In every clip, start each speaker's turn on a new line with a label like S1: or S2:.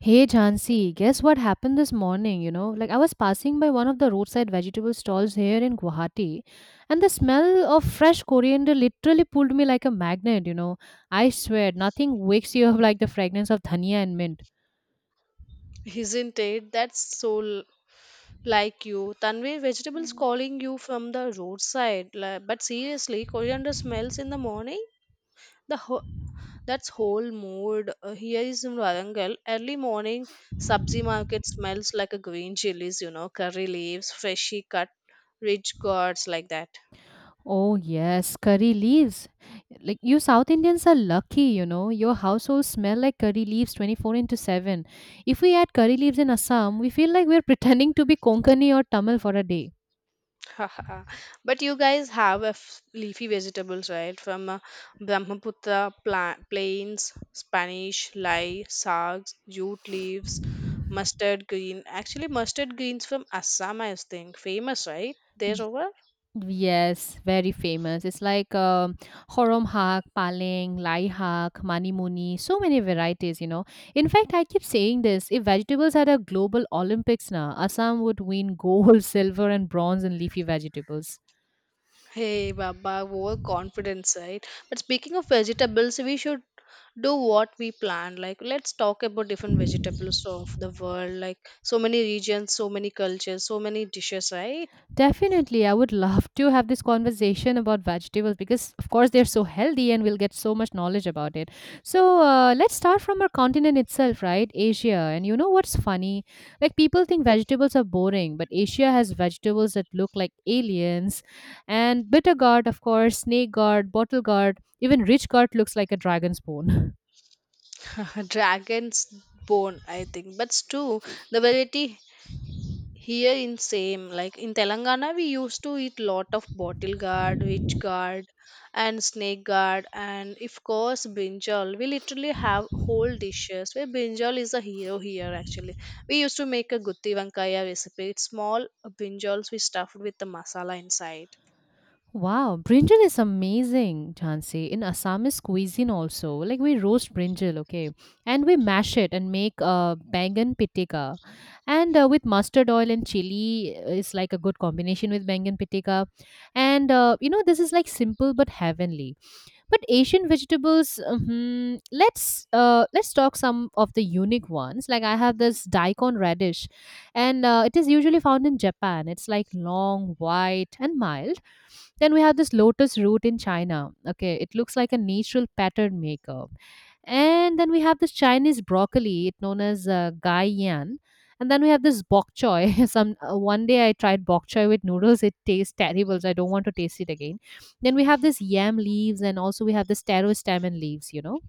S1: Hey Jhansi, guess what happened this morning? You know, like I was passing by one of the roadside vegetable stalls here in Guwahati, and the smell of fresh coriander literally pulled me like a magnet. You know, I swear nothing wakes you up like the fragrance of dhania and mint.
S2: Isn't it? That's so like you. Tanvir, vegetables calling you from the roadside. But seriously, coriander smells in the morning? The ho- that's whole mood. Here is in Warangal, early morning, sabzi market smells like a green chilies, you know, curry leaves, freshly cut, rich gourds like that.
S1: Oh, yes, curry leaves. Like you South Indians are lucky, you know. Your household smell like curry leaves 24 into 7. If we add curry leaves in Assam, we feel like we're pretending to be Konkani or Tamil for a day.
S2: Haha. But you guys have a leafy vegetables, right? From Brahmaputra plains, Spanish lye, sags, jute leaves, mustard green. Actually, mustard greens from Assam, I think, famous, right? There over.
S1: Yes, very famous. It's like Horom Hak, Paling, Lai Hak, Manimuni, so many varieties, you know. In fact, I keep saying this if vegetables had a global Olympics now, Assam would win gold, silver, and bronze in leafy vegetables.
S2: Hey, Baba, overconfidence, right? But speaking of vegetables, we should do what we plan. Like, let's talk about different vegetables of the world. Like, so many regions, so many cultures, so many dishes, right?
S1: Definitely, I would love to have this conversation about vegetables because, of course, they're so healthy and we'll get so much knowledge about it. So, let's start from our continent itself, right? Asia. And you know what's funny? Like, people think vegetables are boring, but Asia has vegetables that look like aliens. And bitter gourd, of course, snake gourd, bottle gourd, even rich gourd looks like a dragon's bone.
S2: Dragon's bone, I think. But stew, the variety here in same. Like in Telangana, we used to eat lot of bottle guard, witch guard, and snake guard, and of course brinjal. We literally have whole dishes where brinjal is a hero here. Actually, we used to make a gutti vankaya recipe. It's small brinjals we stuffed with the masala inside.
S1: Wow, brinjal is amazing, Jhansi. In Assamese cuisine also, like we roast brinjal, okay, and we mash it and make bangan pitika, and with mustard oil and chili is like a good combination with bangan pitika, and you know this is like simple but heavenly. But Asian vegetables, mhm, let's talk some of the unique ones. Like I have this daikon radish, and it is usually found in Japan. It's like long, white, and mild. Then we have this lotus root in China. Okay, it looks like a natural pattern maker. And then we have this Chinese broccoli, it known as gai yan. And then we have this bok choy. Some one day I tried bok choy with noodles. It tastes terrible, so I don't want to taste it again then we have this yam leaves, and also we have this taro stem and leaves, you know.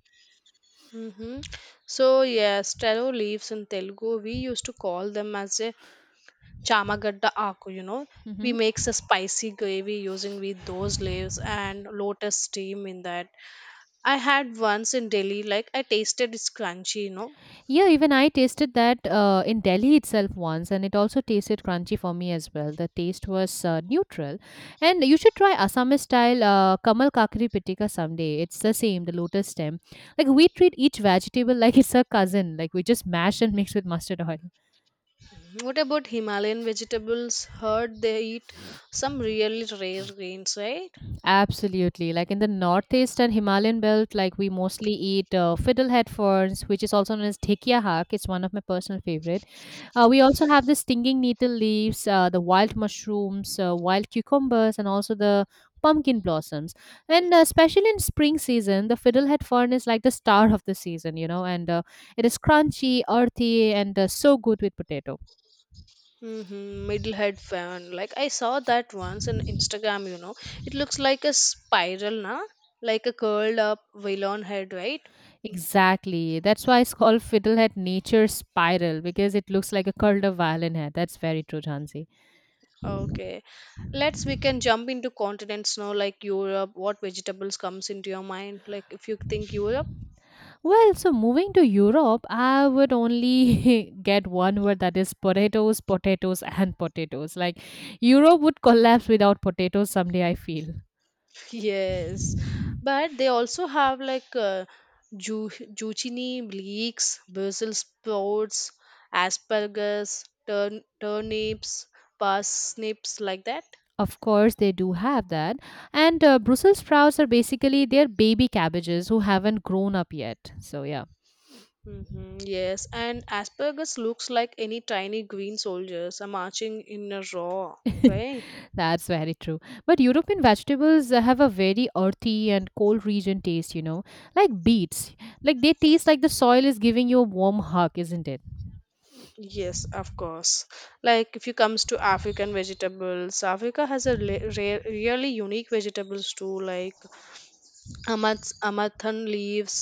S2: Mm-hmm. So yes, taro leaves in Telugu we used to call them as a chamagadda aku, you know. We
S1: Hmm.
S2: makes a spicy gravy using with those leaves and lotus steam in that. I had once in Delhi, like I tasted it's crunchy, you know.
S1: Yeah, even I tasted that in Delhi itself once, and it also tasted crunchy for me as well. The taste was neutral. And you should try Assamese style Kamal Kakri Pitika someday. It's the same, the lotus stem. Like we treat each vegetable like it's a cousin, like we just mash and mix with mustard oil.
S2: What about Himalayan vegetables? Heard they eat some really rare grains, right?
S1: Absolutely. Like in the northeast and Himalayan belt, like we mostly eat fiddlehead ferns, which is also known as dhekia hak. It's one of my personal favorite. We also have the stinging needle leaves, the wild mushrooms, wild cucumbers, and also the pumpkin blossoms. And especially in spring season, the fiddlehead fern is like the star of the season, you know, and it is crunchy, earthy, and so good with potato.
S2: Mm-hmm. Middle head fan. Like I saw that once on Instagram, you know. It looks like a spiral, na? Like a curled up villain head, right?
S1: Exactly. That's why it's called fiddlehead nature spiral because it looks like a curled up violin head. That's very true, Jansi.
S2: Okay. Let's we can jump into continents now, like Europe. What vegetables comes into your mind? Like if you think Europe,
S1: Well, so moving to Europe, I would only get one word that is potatoes, potatoes, and potatoes. Like Europe would collapse without potatoes someday, I feel.
S2: yes, but they also have like ju- zucchini, leeks, Brussels sprouts, asparagus, turnips, parsnips, like that.
S1: Of course, they do have that. And Brussels sprouts are basically their baby cabbages who haven't grown up yet. So, yeah.
S2: Hmm, yes, and asparagus looks like any tiny green soldiers are marching in a row, right?
S1: That's very true. But European vegetables have a very earthy and cold region taste, you know, like beets. Like they taste like the soil is giving you a warm hug, isn't it?
S2: Yes, of course. Like if you comes to African vegetables, Africa has a rare, really unique vegetables too, like amathan leaves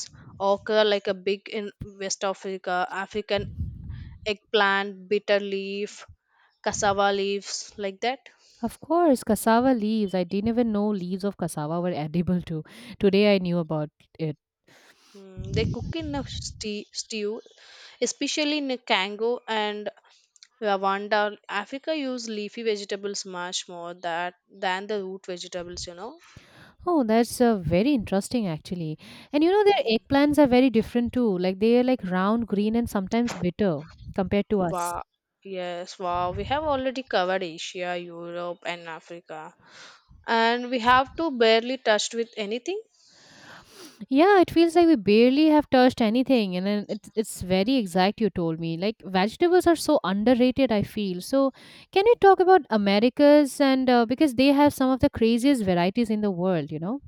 S2: occur like a big in West Africa, African eggplant, bitter leaf, cassava leaves, like that.
S1: Of course, cassava leaves. I didn't even know leaves of cassava were edible too. Today I knew about it.
S2: Mm, they cook in a stew, especially in Congo and Rwanda. Africa use leafy vegetables much more that than the root vegetables, you know.
S1: Oh, that's very interesting actually. And you know, their eggplants are very different too. Like they are like round, green, and sometimes bitter compared to us.
S2: Wow. Yes, wow. We have already covered Asia, Europe, and Africa. And we have to barely touched with anything?
S1: Yeah, it feels like we barely have touched anything. And then it's very exact, you told me. Like vegetables are so underrated, I feel. So, can you talk about Americas and because they have some of the craziest varieties in the world, you know?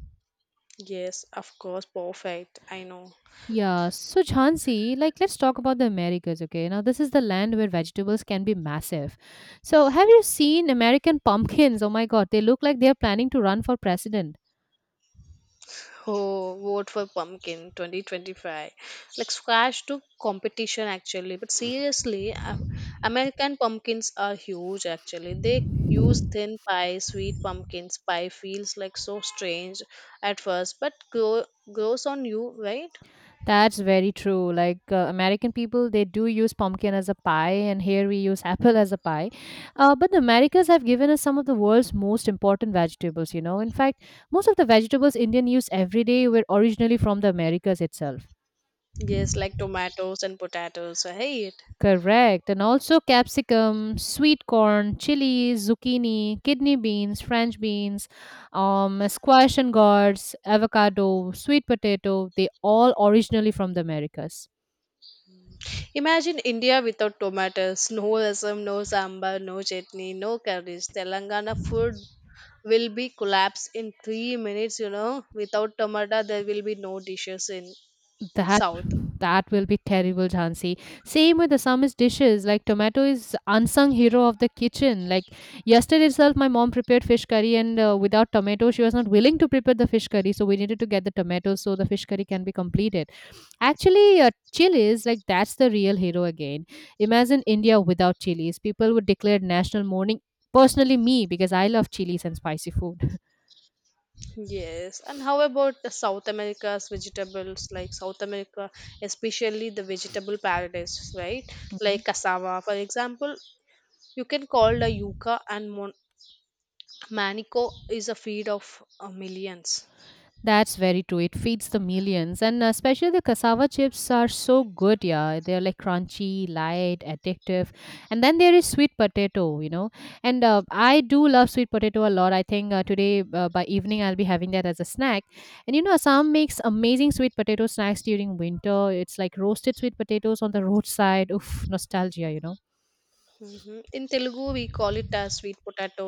S2: Yes, of course. Perfect. I know.
S1: Yeah, so Jhansi, like let's talk about the Americas, okay? Now this is the land where vegetables can be massive. So have you seen American pumpkins? Oh my God, they look like they're planning to run for president.
S2: Oh, vote for pumpkin 2025. Like squash to competition actually, but seriously, American pumpkins are huge actually. They use thin pie, sweet pumpkins. Pie feels like so strange at first, but grows on you, right?
S1: That's very true. Like American people, they do use pumpkin as a pie, and here we use apple as a pie. But the Americas have given us some of the world's most important vegetables, you know. In fact, most of the vegetables Indian use every day were originally from the Americas itself.
S2: Yes, like tomatoes and potatoes, right?
S1: Correct. And also capsicum, sweet corn, chilies, zucchini, kidney beans, French beans, squash and gourds, avocado, sweet potato, they all originally from the Americas.
S2: Imagine India without tomatoes, no rasam, no sambar, no chutney, no curries. Telangana food will be collapsed in 3 minutes, you know. Without tomato, there will be no dishes in
S1: That
S2: South.
S1: that will be terrible, Jhansi. Same with the Assamese dishes. Like tomato is unsung hero of the kitchen. Like yesterday itself, my mom prepared fish curry, and without tomato, she was not willing to prepare the fish curry. So we needed to get the tomatoes so the fish curry can be completed. Actually, chilies, like that's the real hero again. Imagine India without chilies. People would declare national mourning. Personally, me, because I love chilies and spicy food.
S2: Yes, and how about the South America's vegetables, like South America, especially the vegetable paradise, right? Like cassava, for example, you can call the yuca and manico is a feed of millions.
S1: That's very true. It feeds the millions, and especially the cassava chips are so good. Yeah, they're like crunchy, light, addictive, and then there is sweet potato. You know, and I do love sweet potato a lot. I think today by evening I'll be having that as a snack. And you know, Assam makes amazing sweet potato snacks during winter. It's like roasted sweet potatoes on the roadside. Oof, nostalgia. You know.
S2: Mhm. In Telugu, we call it as sweet potato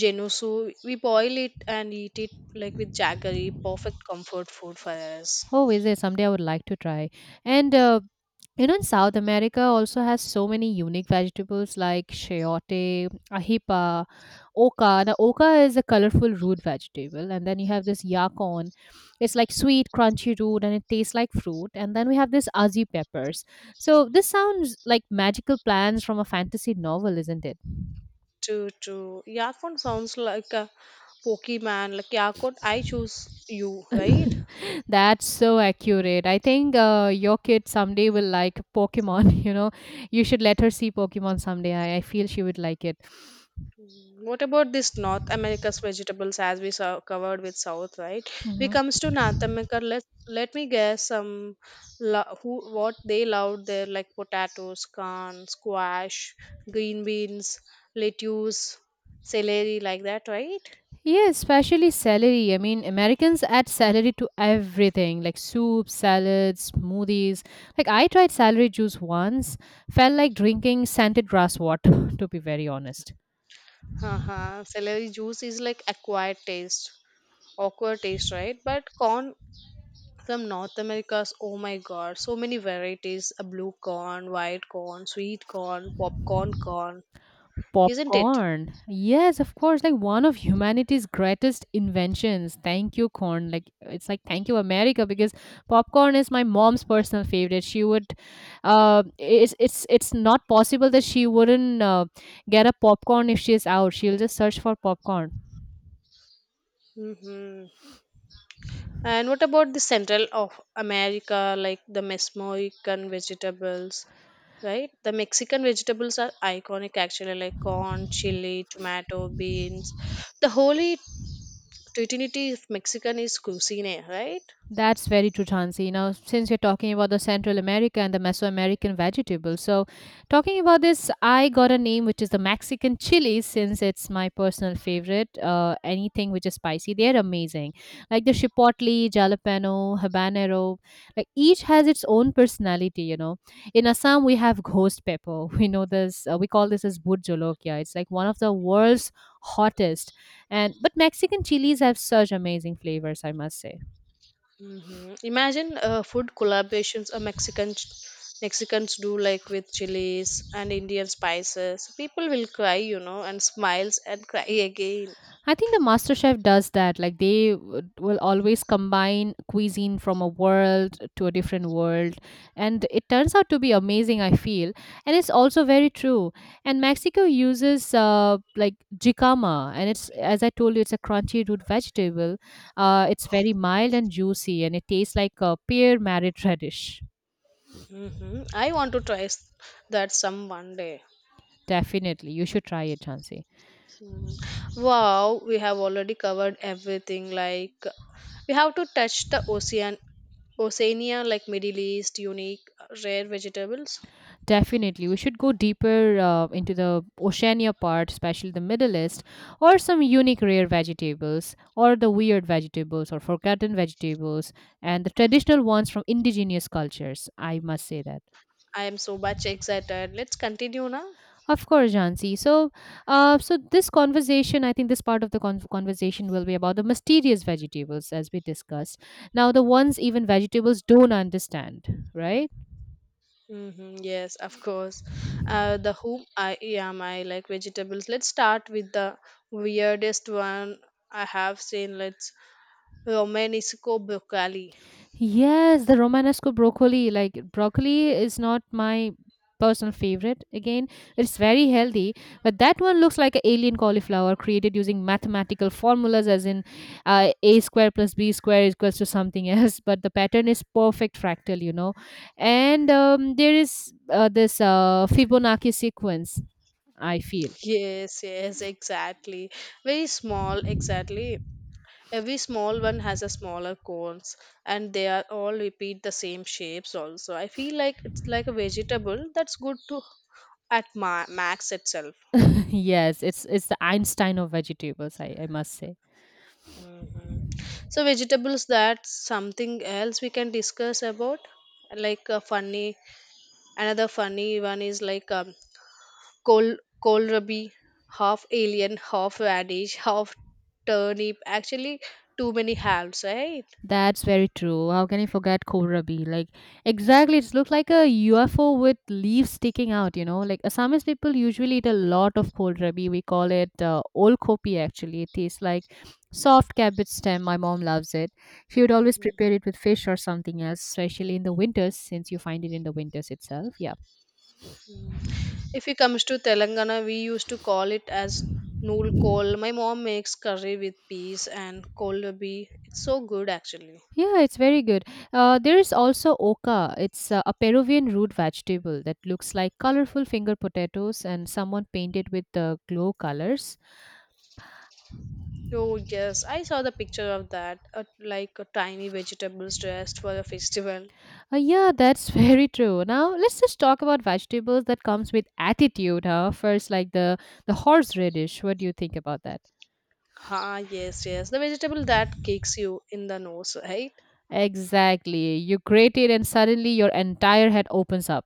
S2: genusu. We boil it and eat it like with jaggery, perfect comfort food for us.
S1: Oh, is it? Someday I would like to try. And you know, in South America also has so many unique vegetables like chayote, ajipa, oca. Now, oca is a colorful root vegetable, and then you have this yacon. It's like sweet, crunchy root, and it tastes like fruit. And then we have this azi peppers. So this sounds like magical plants from a fantasy novel, isn't it?
S2: True, true. Yakon sounds like a Pokemon. Like Yakon, I choose you, right?
S1: That's so accurate. I think your kid someday will like Pokemon. You know, you should let her see Pokemon someday. I feel she would like it.
S2: What about this North America's vegetables as we saw covered with South, right? We
S1: Hmm.
S2: comes to North America. Let me guess some who what they love there like potatoes, corn, squash, green beans, lettuce, celery like that, right?
S1: Yeah, especially celery. I mean, Americans add celery to everything like soup, salads, smoothies. Like, I tried celery juice once, felt like drinking scented grass water, to be very honest.
S2: Uh-huh. Celery juice is like acquired taste, awkward taste, right? But corn from North America's, oh my God, so many varieties: a blue corn, white corn, sweet corn, popcorn corn. Isn't it?
S1: Popcorn. Yes, of course, like one of humanity's greatest inventions. Thank you, corn. Like it's like thank you, America, because popcorn is my mom's personal favorite. She would, it's not possible that she wouldn't get a popcorn if she's out. She'll just search for popcorn.
S2: hmm And what about the Central of America, like the Mesoamerican vegetables, right? The Mexican vegetables are iconic actually, like corn, chili, tomato, beans. The holy trinity of Mexican is cuisine, right?
S1: That's very true, Chansi. Now, since you're talking about the Central America and the Mesoamerican vegetables, so talking about this, I got a name which is the Mexican chilies, since it's my personal favorite. Anything which is spicy, they're amazing. Like the chipotle, jalapeno, habanero, like each has its own personality, you know. In Assam, we have ghost pepper. We know this, we call this as burjolokia. It's like one of the world's hottest. And but Mexican chilies have such amazing flavors, I must say.
S2: Imagine food collaborations a Mexicans do like with chilies and Indian spices. People will cry, and smiles and cry again.
S1: I think the master chef does that. Like they will always combine cuisine from a world to a different world. And it turns out to be amazing, I feel. And it's also very true. And Mexico uses like jicama. And it's, as I told you, it's a crunchy root vegetable. It's very mild and juicy. And it tastes like a pear married radish.
S2: I want to try that some one day.
S1: Definitely. You should try it, Chansey.
S2: Mm. Wow, we have already covered everything. Like we have to touch the ocean, Oceania, like Middle East, unique rare vegetables.
S1: Definitely. We should go deeper into the Oceania part, especially the Middle East, or some unique rare vegetables, or the weird vegetables, or forgotten vegetables, and the traditional ones from indigenous cultures. I must say that.
S2: I am so much excited. Let's continue now.
S1: Of course, Jansi. So, so this conversation, I think this part of the conversation will be about the mysterious vegetables, as we discussed. Now, the ones even vegetables don't understand, right?
S2: Hmm, yes, of course. The whom I am, I like vegetables. Let's start with the weirdest one I have seen. Let's Romanesco broccoli.
S1: Yes, the Romanesco broccoli. Like broccoli is not my personal favorite. Again, it's very healthy, but that one looks like an alien cauliflower created using mathematical formulas, as in a square plus b square equals to something else. But the pattern is perfect fractal, you know. And there is this Fibonacci sequence. I feel
S2: Yes, yes, exactly. Very small, exactly. Every small one has a smaller cones and they are all repeat the same shapes also. I feel like it's like a vegetable that's good to at max itself.
S1: yes, it's the Einstein of vegetables. I must say.
S2: So vegetables, that's something else we can discuss about. Like a funny, another funny one is like, col kohlrabi, half alien, half radish, half turnip, actually, too many halves, right?
S1: That's very true. How can you forget kohlrabi? Like, exactly, it's looked like a UFO with leaves sticking out, you know. Like, Assamese people usually eat a lot of kohlrabi. We call it olkopi, actually. It tastes like soft cabbage stem. My mom loves it. She would always prepare it with fish or something else, especially in the winters, since you find it in the winters itself. Yeah.
S2: If it comes to Telangana, we used to call it as nool kol. My mom makes curry with peas and kolabi. It's so good actually.
S1: Yeah, it's very good. There is also oca. It's a Peruvian root vegetable that looks like colorful finger potatoes and someone painted with the glow colors.
S2: Oh yes, I saw the picture of that, like a tiny vegetables dressed for a festival.
S1: Yeah, that's very true. Now, let's just talk about vegetables that comes with attitude, huh? First, like the horseradish. What do you think about that?
S2: Ah yes, yes, the vegetable that kicks you in the nose, right?
S1: Exactly. You grate it and suddenly your entire head opens up.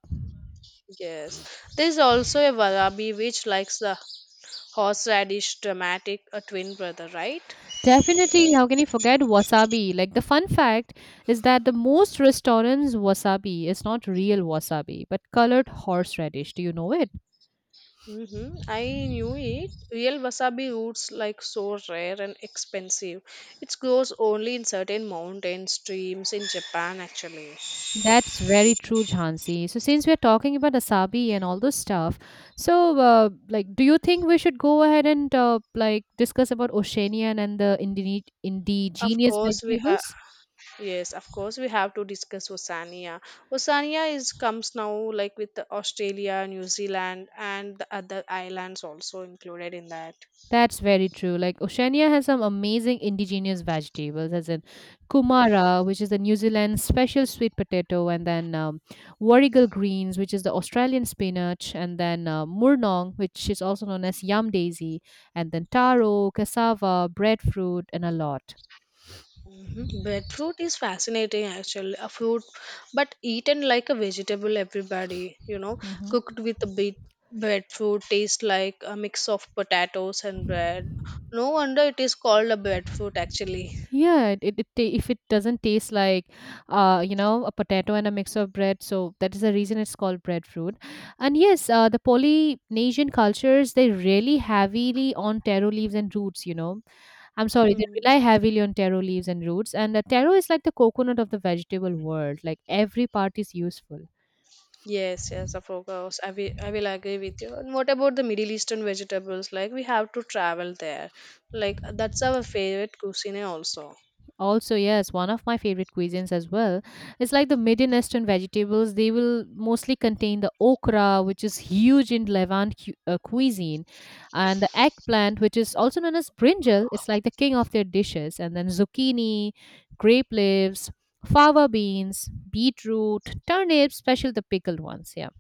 S2: Yes. There's also a warabi which likes the horseradish dramatic, a twin brother, right?
S1: Definitely, how can you forget wasabi? Like the fun fact is that the most restaurants wasabi is not real wasabi, but colored horseradish. Do you know it?
S2: Mm-hmm. I knew it. Real wasabi roots like so rare and expensive. It grows only in certain mountain streams in Japan actually.
S1: That's very true, Jhansi. So since we're talking about wasabi and all those stuff, so like, do you think we should go ahead and like discuss about Oceanian and the
S2: Of
S1: indigenous
S2: course we have
S1: vegetables?
S2: Yes, of course we have to discuss Oceania. Oceania is comes now like with Australia, New Zealand and the other islands also included in that.
S1: That's very true. Like Oceania has some amazing indigenous vegetables, as in kumara, which is the New Zealand special sweet potato, and then warrigal greens, which is the Australian spinach, and then murnong, which is also known as yam daisy, and then taro, cassava, breadfruit, and a lot.
S2: Mm, beetroot is fascinating actually, a fruit, but eaten like a vegetable, everybody,
S1: Mhm.
S2: cooked with a bit beetroot tastes like a mix of potatoes and bread. No wonder it is called a beetroot actually.
S1: Yeah, if it doesn't taste like, you know, a potato and a mix of bread, so that is the reason it's called breadfruit. And yes, the Polynesian cultures they really heavily on taro leaves and roots. You know, I'm sorry, they
S2: Hmm.
S1: rely heavily on taro leaves and roots. And taro is like the coconut of the vegetable world. Like every part is useful.
S2: Yes, yes, of course. I will agree with you. And what about the Middle Eastern vegetables? Like we have to travel there. Like that's our favorite cuisine also.
S1: Also, yes, one of my favorite cuisines as well. It's like the Middle Eastern vegetables. They will mostly contain the okra, which is huge in Levant cuisine, and the eggplant, which is also known as brinjal. It's like the king of their dishes. And then zucchini, grape leaves, fava beans, beetroot, turnips, especially the pickled ones. Yeah.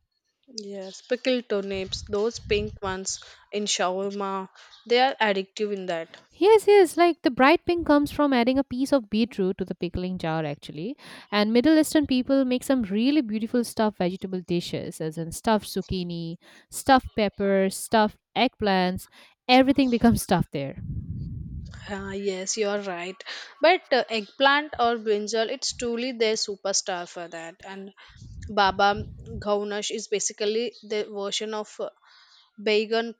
S2: Yes, pickled turnips, those pink ones in shawarma, they are addictive in that.
S1: Yes, yes, like the bright pink comes from adding a piece of beetroot to the pickling jar actually. And Middle Eastern people make some really beautiful stuffed vegetable dishes as in stuffed zucchini, stuffed peppers, stuffed eggplants, everything becomes stuffed there.
S2: Ah, yes, you are right. But eggplant or brinjal, it's truly their superstar for that. And Baba Gaunash is basically the version of Baigan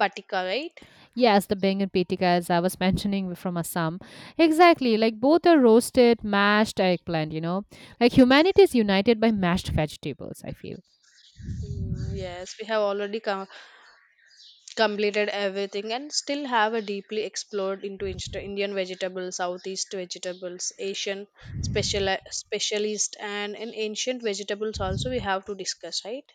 S2: Patika, right?
S1: Yes, the bangan pitika as I was mentioning were from Assam. Exactly, like both are roasted, mashed eggplant, you know. Like humanity is united by mashed vegetables, I feel.
S2: Mm, yes, we have already come, completed everything and still have a deeply explored into Indian vegetables, Southeast vegetables, Asian specialist, and in ancient vegetables also we have to discuss, right?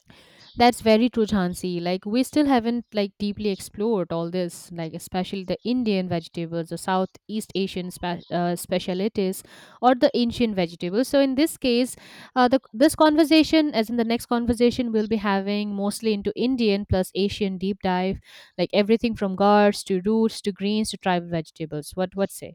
S1: That's very true, Jhansi. Like we still haven't like deeply explored all this, like especially the Indian vegetables, the Southeast Asian specialities, or the ancient vegetables. So in this case, the this conversation, as in the next conversation, we'll be having mostly into Indian plus Asian deep dive, like everything from gourds to roots to greens to tribal vegetables. What say?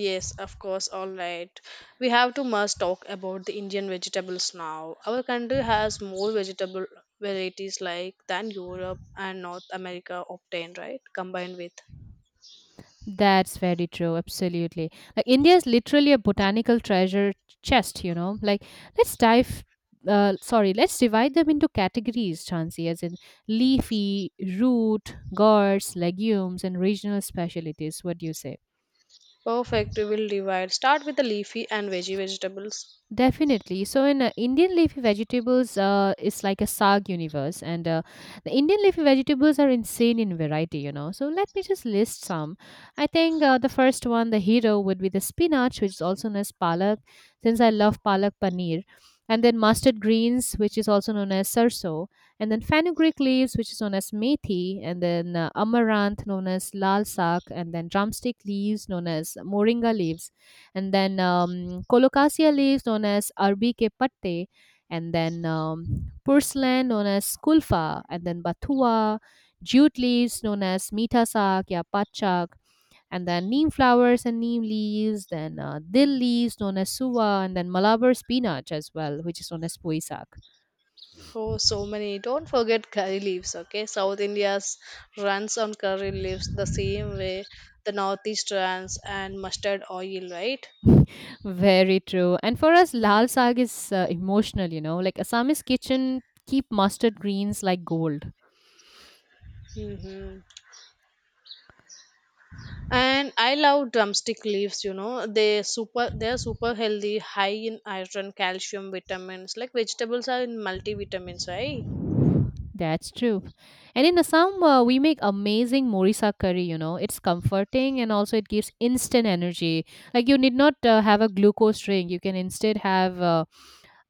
S2: Yes, of course. All right, we have to must talk about the Indian vegetables now. Our country has more vegetable varieties like than Europe and North America obtained, right? Combined with.
S1: That's very true, absolutely. Like India is literally a botanical treasure chest, you know. Like let's dive let's divide them into categories, Chansi, as in leafy, root, gourds, legumes, and regional specialties. What do you say?
S2: Perfect. We will divide, start with the leafy and veggie vegetables.
S1: Definitely. So, in Indian leafy vegetables, it's like a sag universe, and the Indian leafy vegetables are insane in variety. You know, so let me just list some. I think the first one, the hero, would be the spinach, which is also known as palak, since I love palak paneer, and then mustard greens, which is also known as sarso, and then fenugreek leaves, which is known as methi, and then amaranth, known as lal sak, and then drumstick leaves, known as moringa leaves, and then colocasia leaves known as arbike patte, and then purslane known as kulfa, and then bathua jute leaves known as mitasak ya patchak, and then neem flowers and neem leaves, then dill leaves known as suwa, and then malabar spinach as well, which is known as puisak.
S2: Oh, so many. Don't forget curry leaves, okay? South India's runs on curry leaves the same way the Northeast runs and mustard oil, right?
S1: Very true, and for us lal sag is emotional, you know, like assamese kitchen keep mustard greens like gold.
S2: hmm And I love drumstick leaves. They're super healthy, high in iron, calcium, vitamins. Like vegetables are in multivitamins, right?
S1: That's true. And in Assam, we make amazing morisa curry, you know. It's comforting and also it gives instant energy. Like you need not have a glucose drink. You can instead have uh,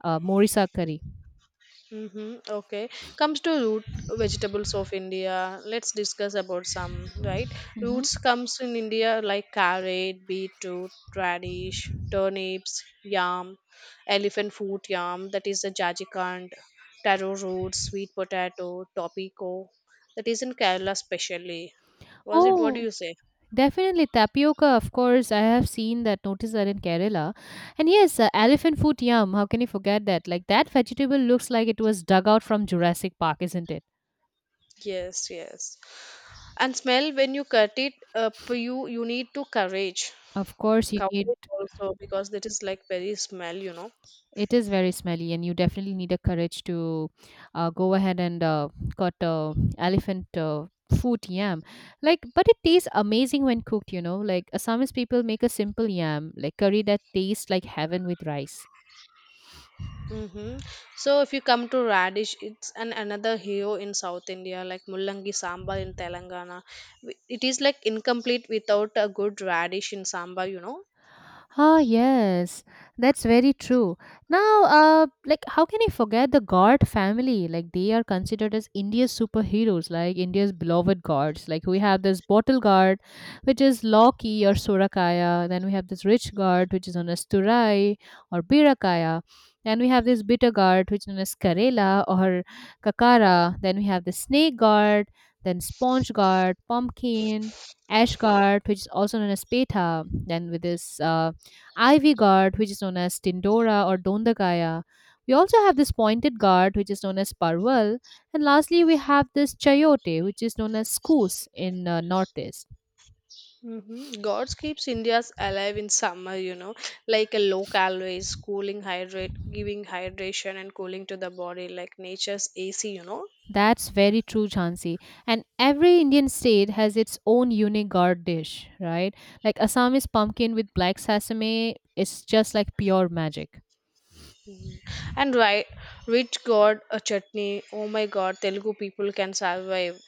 S1: uh, morisa curry.
S2: Mm-hmm. Okay. Comes to root vegetables of India. Let's discuss about some, right?
S1: Hmm.
S2: Roots comes in India like carrot, beetroot, radish, turnips, yam, elephant fruit yam, that is the jajikand, taro root, sweet potato, topico, that is in Kerala specially. Was it? What do
S1: Oh,
S2: you say?
S1: definitely. Tapioca, of course. I have seen that, noticed that in Kerala. And yes, elephant foot yum. How can you forget that? Like that vegetable looks like it was dug out from Jurassic Park, isn't it?
S2: Yes, yes. And smell when you cut it up, you need to courage,
S1: Of course, you need.
S2: courage also because that is like very smell.
S1: It is very smelly, and you definitely need a courage to go ahead and cut elephant foot yam. Like, but it tastes amazing when cooked. You know, like Assamese people make a simple yam, like curry that tastes like heaven with rice.
S2: Mm-hmm. So if you come to radish, it's an another hero in South India, like mullangi sambar in Telangana. It is like incomplete without a good radish in sambar.
S1: Ah, yes, that's very true. Now, like, how can you forget the God family? Like, they are considered as India's superheroes, like India's beloved gods. Like, we have this bottle guard, which is Loki or Surakaya. Then we have this rich guard, which is known as Turai or Birakaya. Then we have this bitter guard, which is known as Karela or Kakara. Then we have the snake guard, then sponge guard, pumpkin, Ashgard, which is also known as Petha, then with this Ivy Guard, which is known as Tindora or Dondagaya. We also have this pointed guard, which is known as Parval. And lastly, we have this Chayote, which is known as Skoos in Northeast.
S2: Mm-hmm. God keeps India's alive in summer, like a low calories, cooling hydrate, giving hydration and cooling to the body, like nature's AC, you know.
S1: That's very true, Jhansi. And every Indian state has its own unique guard dish, right? Like Assam is pumpkin with black sesame. It's just like pure magic.
S2: And right, rich God a chutney. Oh my God, Telugu people can survive,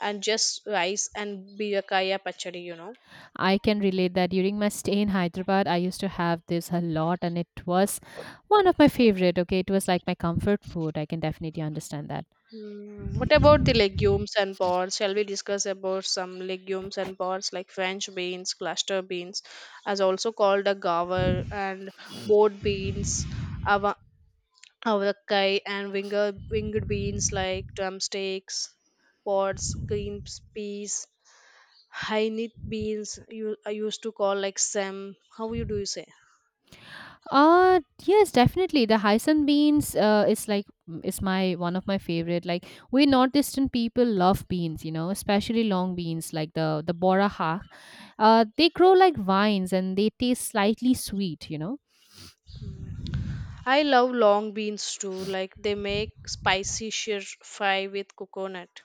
S2: and just rice and birakaya pachadi.
S1: I can relate that during my stay in Hyderabad, I used to have this a lot, and it was one of my favorite. Okay, it was like my comfort food. I can definitely understand that.
S2: Mm, what about the legumes and pods? Shall we discuss about some legumes and pods like French beans, cluster beans, as also called a gaver, and board beans, ava- avakai, and winged beans like drumsticks, pods, green peas, hynith beans, you I used to call like sem. How you do you say?
S1: Yes definitely the Hyson beans. Is my one of my favorite. Like we northeastern people love beans, you know, especially long beans like the bora hack. They grow like vines and they taste slightly sweet, you know.
S2: I love long beans too. Like they make spicy shir fry with coconut.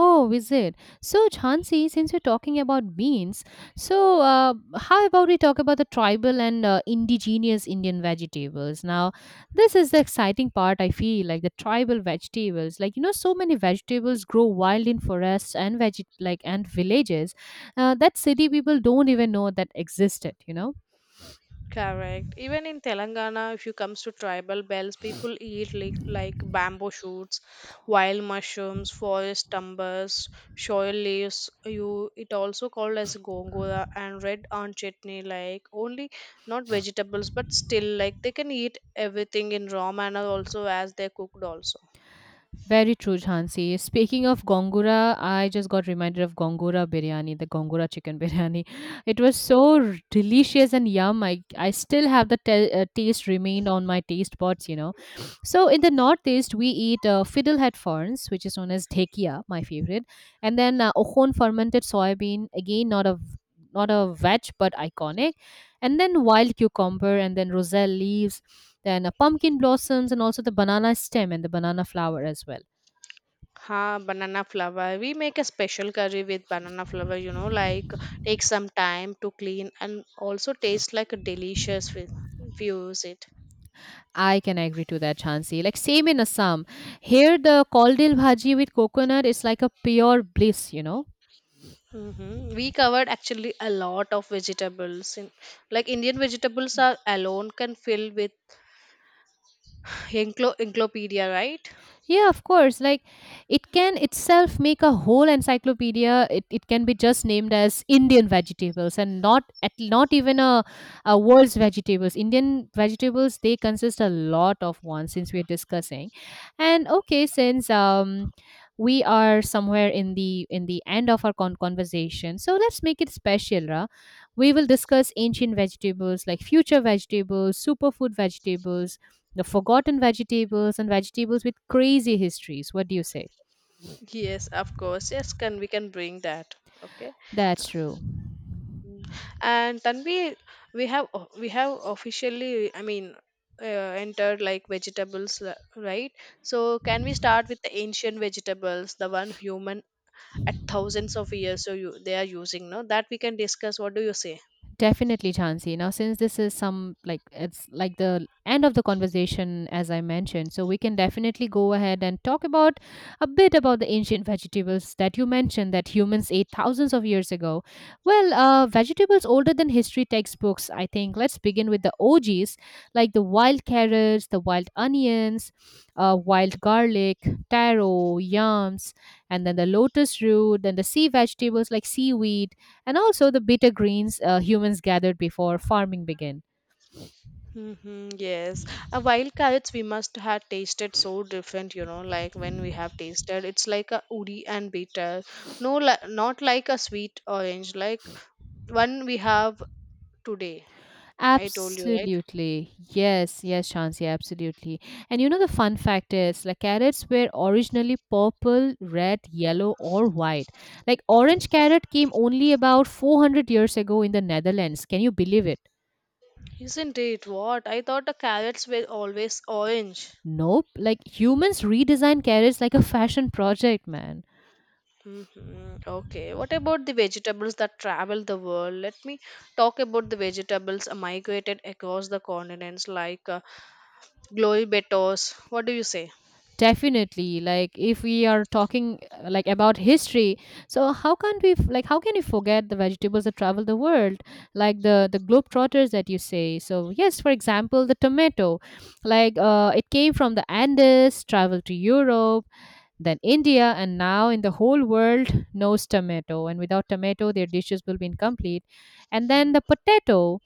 S1: Oh, is it? So, Jhansi, since we're talking about beans, so how about we talk about the tribal and indigenous Indian vegetables? Now, this is the exciting part, I feel, like the tribal vegetables. Like, you know, so many vegetables grow wild in forests and like and villages that city people don't even know that existed, you know?
S2: Correct. Even in Telangana, if you comes to tribal bells, people eat like bamboo shoots, wild mushrooms, forest tumbers, shoal leaves. You it also called as gongura and red on chutney. Like only not vegetables, but still like they can eat everything in raw manner also as they cooked also.
S1: Very true, Jhansi. Speaking of Gongura, I just got reminded of Gongura biryani, the Gongura chicken biryani. It was so delicious and yum. I still have the taste remained on my taste buds, you know. So in the northeast, we eat fiddlehead ferns, which is known as dhekia, my favorite, and then ohon fermented soybean. Again, not a veg, but iconic. And then wild cucumber, and then roselle leaves, then pumpkin blossoms, and also the banana stem and the banana flower as well.
S2: Ha, banana flower. We make a special curry with banana flower, like take some time to clean and also taste like a delicious if you use it.
S1: I can agree to that, Chansey. Like same in Assam. Here the kaldil bhaji with coconut is like a pure bliss, you know.
S2: We covered actually a lot of vegetables. In, like Indian vegetables are alone can fill with encyclopedia, right?
S1: Yeah, of course. Like it can itself make a whole encyclopedia. It can be just named as Indian vegetables and not even a world's vegetables. Indian vegetables they consist a lot of ones since we're discussing. And okay, since we are somewhere in the end of our conversation, so let's make it special, Ra. We will discuss ancient vegetables like future vegetables, superfood vegetables, the forgotten vegetables and vegetables with crazy histories. What do you say?
S2: Yes, of course. Yes, can we can bring that. Okay.
S1: That's true.
S2: Mm. And Tanvi, we have officially, I mean, entered like vegetables, right? So can we start with the ancient vegetables, the one human at thousands of years so you, they are using, no? That we can discuss. What do you say?
S1: Definitely, Chansey. Now, since this is some like it's like the end of the conversation, as I mentioned, so we can definitely go ahead and talk about a bit about the ancient vegetables that you mentioned that humans ate thousands of years ago. Well, vegetables older than history textbooks, I think. Let's begin with the OGs, like the wild carrots, the wild onions, wild garlic, taro, yams, and then the lotus root, then the sea vegetables like seaweed and also the bitter greens humans gathered before farming began.
S2: Mm-hmm, yes. A wild carrots we must have tasted so different, like when we have tasted, it's like a woody and bitter. No, not like a sweet orange, like one we have today. I told you, right?
S1: Absolutely. Yes, yes, Shansi, absolutely. And you know the fun fact is like carrots were originally purple, red, yellow or white. Like orange carrot came only about 400 years ago in the Netherlands. Can you believe it?
S2: Isn't it? What? I thought the carrots were always orange.
S1: Nope. Like humans redesigned carrots like a fashion project, man.
S2: Hmm. Okay. What about the vegetables that travel the world? Let me talk about the vegetables migrated across the continents, like glory betos. What do you say?
S1: Definitely. Like if we are talking like about history, so how can't we f- like how can you forget the vegetables that travel the world, like the globetrotters that you say? So yes, for example, the tomato, like it came from the Andes, traveled to Europe, then India, and now in the whole world knows tomato. And without tomato, their dishes will be incomplete. And then the potato.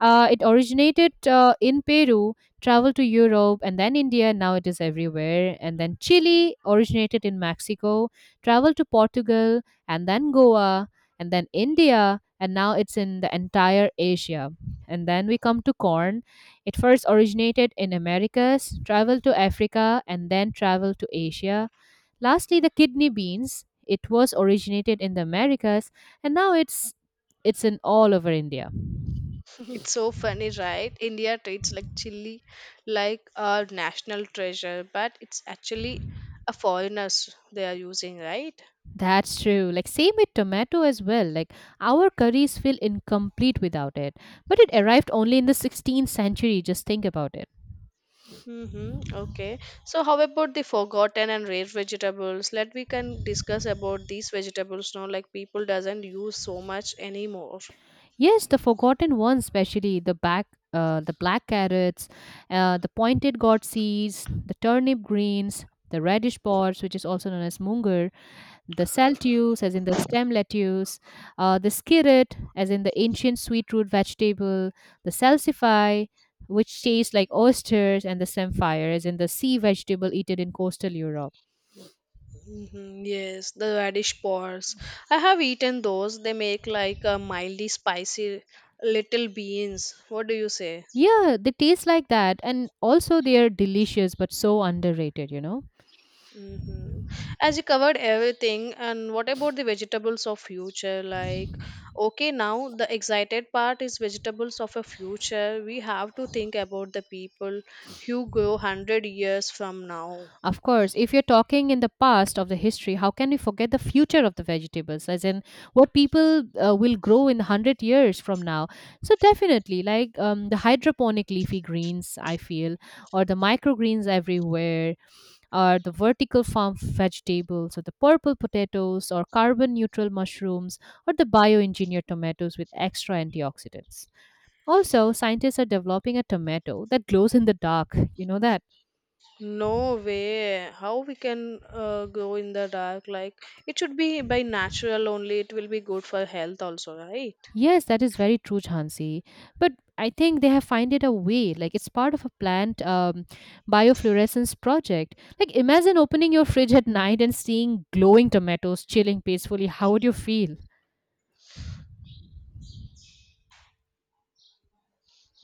S1: It originated in Peru, traveled to Europe, and then India. Now it is everywhere. And then Chile originated in Mexico, traveled to Portugal, and then Goa, and then India, and now it's in the entire Asia. And then we come to corn. It first originated in Americas, traveled to Africa, and then traveled to Asia. Lastly, the kidney beans. It was originated in the Americas, and now it's in all over India.
S2: It's so funny, right? India treats like chili like our national treasure, but it's actually a foreigners they are using, right?
S1: That's true. Like same with tomato as well. Like our curries feel incomplete without it. But it arrived only in the 16th century. Just think about it.
S2: Mm-hmm. Okay. So, how about the forgotten and rare vegetables? Let we can discuss about these vegetables now. Like people doesn't use so much anymore.
S1: Yes, the forgotten ones, especially the black carrots, the pointed gourd seeds, the turnip greens, the radish pods, which is also known as munger, the saltuse, as in the stem lettuce, the skirret, as in the ancient sweet root vegetable, the salsify, which tastes like oysters, and the samphire, as in the sea vegetable eaten in coastal Europe.
S2: Mm-hmm. Yes, the radish pods. I have eaten those. They make like a mildly spicy little beans. What do you say?
S1: Yeah, they taste like that, and also they are delicious but so underrated, you know.
S2: Mm-hmm. As you covered everything, and what about the vegetables of future? Like, okay, now the excited part is vegetables of a future. We have to think about the people who grow 100 years from now.
S1: Of course, if you're talking in the past of the history, how can we forget the future of the vegetables, as in what people will grow in 100 years from now? So definitely, like the hydroponic leafy greens, I feel, or the microgreens everywhere, or the vertical farm vegetables, or the purple potatoes, or carbon neutral mushrooms, or the bioengineered tomatoes with extra antioxidants. Also, scientists are developing a tomato that glows in the dark. You know that?
S2: No way, how we can grow in the dark? Like, it should be by natural only. It will be good for health also, right?
S1: Yes, that is very true, Chansey. But I think they have find it a way. Like it's part of a plant biofluorescence project. Like imagine opening your fridge at night and seeing glowing tomatoes chilling peacefully. How would you feel?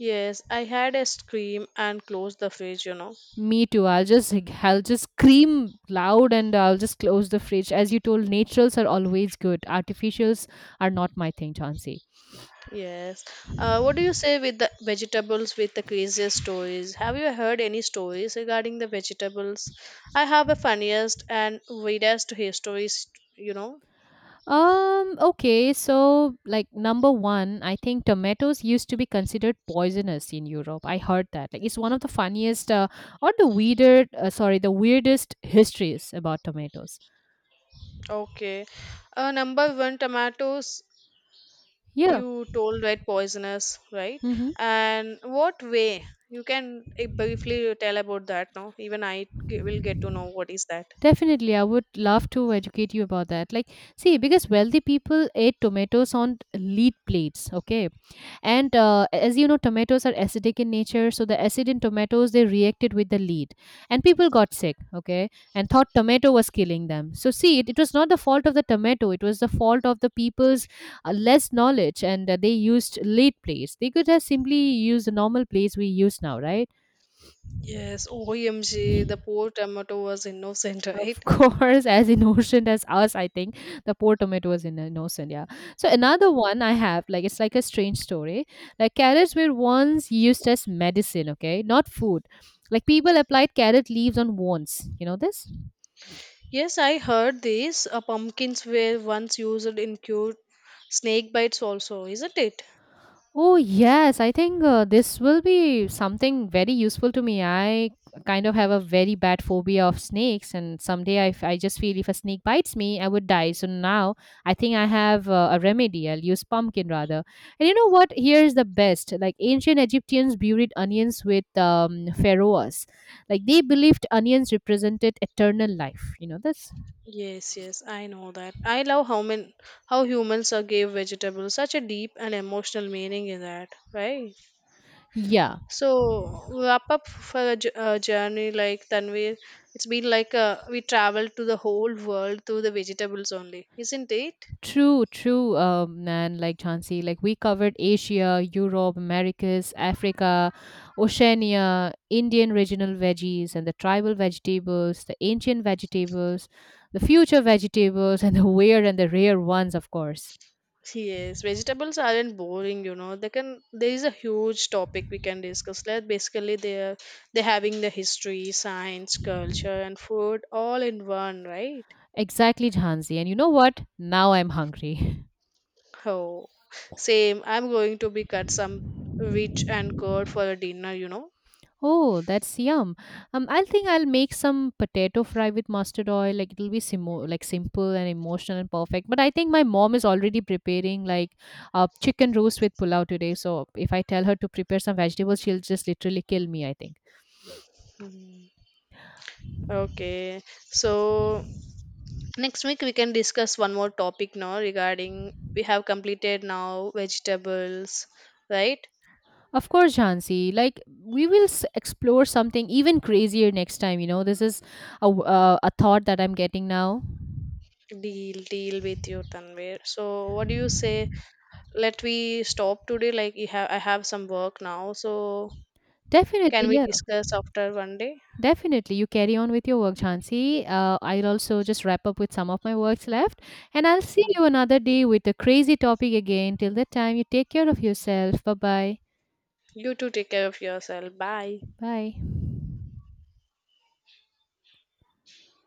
S2: Yes, I had a scream and closed the fridge. You know.
S1: Me too. I'll just scream loud and I'll just close the fridge. As you told, naturals are always good. Artificials are not my thing, Chansey.
S2: Yes. What do you say with the vegetables with the craziest stories? Have you heard any stories regarding the vegetables? I have a funniest and weirdest histories, you know.
S1: Okay, so like number one, I think tomatoes used to be considered poisonous in Europe. I heard that. Like it's one of the funniest sorry, the weirdest histories about tomatoes.
S2: Okay. Number one, tomatoes.
S1: Yeah.
S2: You told right poisonous, right?
S1: Mm-hmm.
S2: And what way? You can briefly tell about that, no? Even I will get to know what is that.
S1: Definitely, I would love to educate you about that. Like, see, because wealthy people ate tomatoes on lead plates, okay, and as you know, tomatoes are acidic in nature, so the acid in tomatoes they reacted with the lead and people got sick, okay, and thought tomato was killing them. So see, it was not the fault of the tomato, it was the fault of the people's less knowledge, and they used lead plates. They could have simply used the normal plates we use now, right?
S2: Yes, OMG, the poor tomato was innocent, right?
S1: Of course, as innocent as us, I think the poor tomato was in innocent. Yeah. So another one I have, like it's like a strange story. Like carrots were once used as medicine. Okay, not food. Like people applied carrot leaves on wounds. You know this?
S2: Yes, I heard this. Pumpkins were once used in cure snake bites also, isn't it?
S1: Oh, yes. I think this will be something very useful to me. I kind of have a very bad phobia of snakes, and someday I just feel if a snake bites me, I would die. So now I think I have a remedy. I'll use pumpkin rather. And you know what? Here's the best. Like ancient Egyptians buried onions with pharaohs. Like they believed onions represented eternal life. You know this?
S2: Yes, yes, I know that. I love how humans are gave vegetables such a deep and emotional meaning in that, right?
S1: Yeah.
S2: So wrap up for a journey like Tanvir. It's been like we traveled to the whole world through the vegetables only, isn't it?
S1: True, true. And like Chansey, like we covered Asia, Europe, Americas, Africa, Oceania, Indian regional veggies, and the tribal vegetables, the ancient vegetables, the future vegetables, and the weird and the rare ones, of course.
S2: Yes, vegetables aren't boring. They can there is a huge topic we can discuss. Like basically they're having the history, science, culture and food all in one, right?
S1: Exactly, Chansey. And you know what? Now I'm hungry.
S2: Oh. Same. I'm going to be cut some rich and good for a dinner.
S1: Oh, that's yum. I think I'll make some potato fry with mustard oil. Like like simple and emotional and perfect. But I think my mom is already preparing like chicken roast with pulao today. So if I tell her to prepare some vegetables, she'll just literally kill me, I think.
S2: Mhm. Okay. So next week we can discuss one more topic now regarding we have completed now vegetables, right?
S1: Of course, Jhansi. Like explore something even crazier next time, you know. This is a thought that I'm getting now.
S2: Deal, deal with you, Tanvir. So what do you say? Let we stop today, like, you have I have some work now, so can
S1: Definitely,
S2: we
S1: yes.
S2: discuss after one day?
S1: Definitely, you carry on with your work, Jhansi. I'll also just wrap up with some of my works left, and I'll see
S2: Mm.
S1: you another day with a crazy topic again. Till that time, you take care of yourself. Bye bye.
S2: You too, take care of yourself. Bye.
S1: Bye.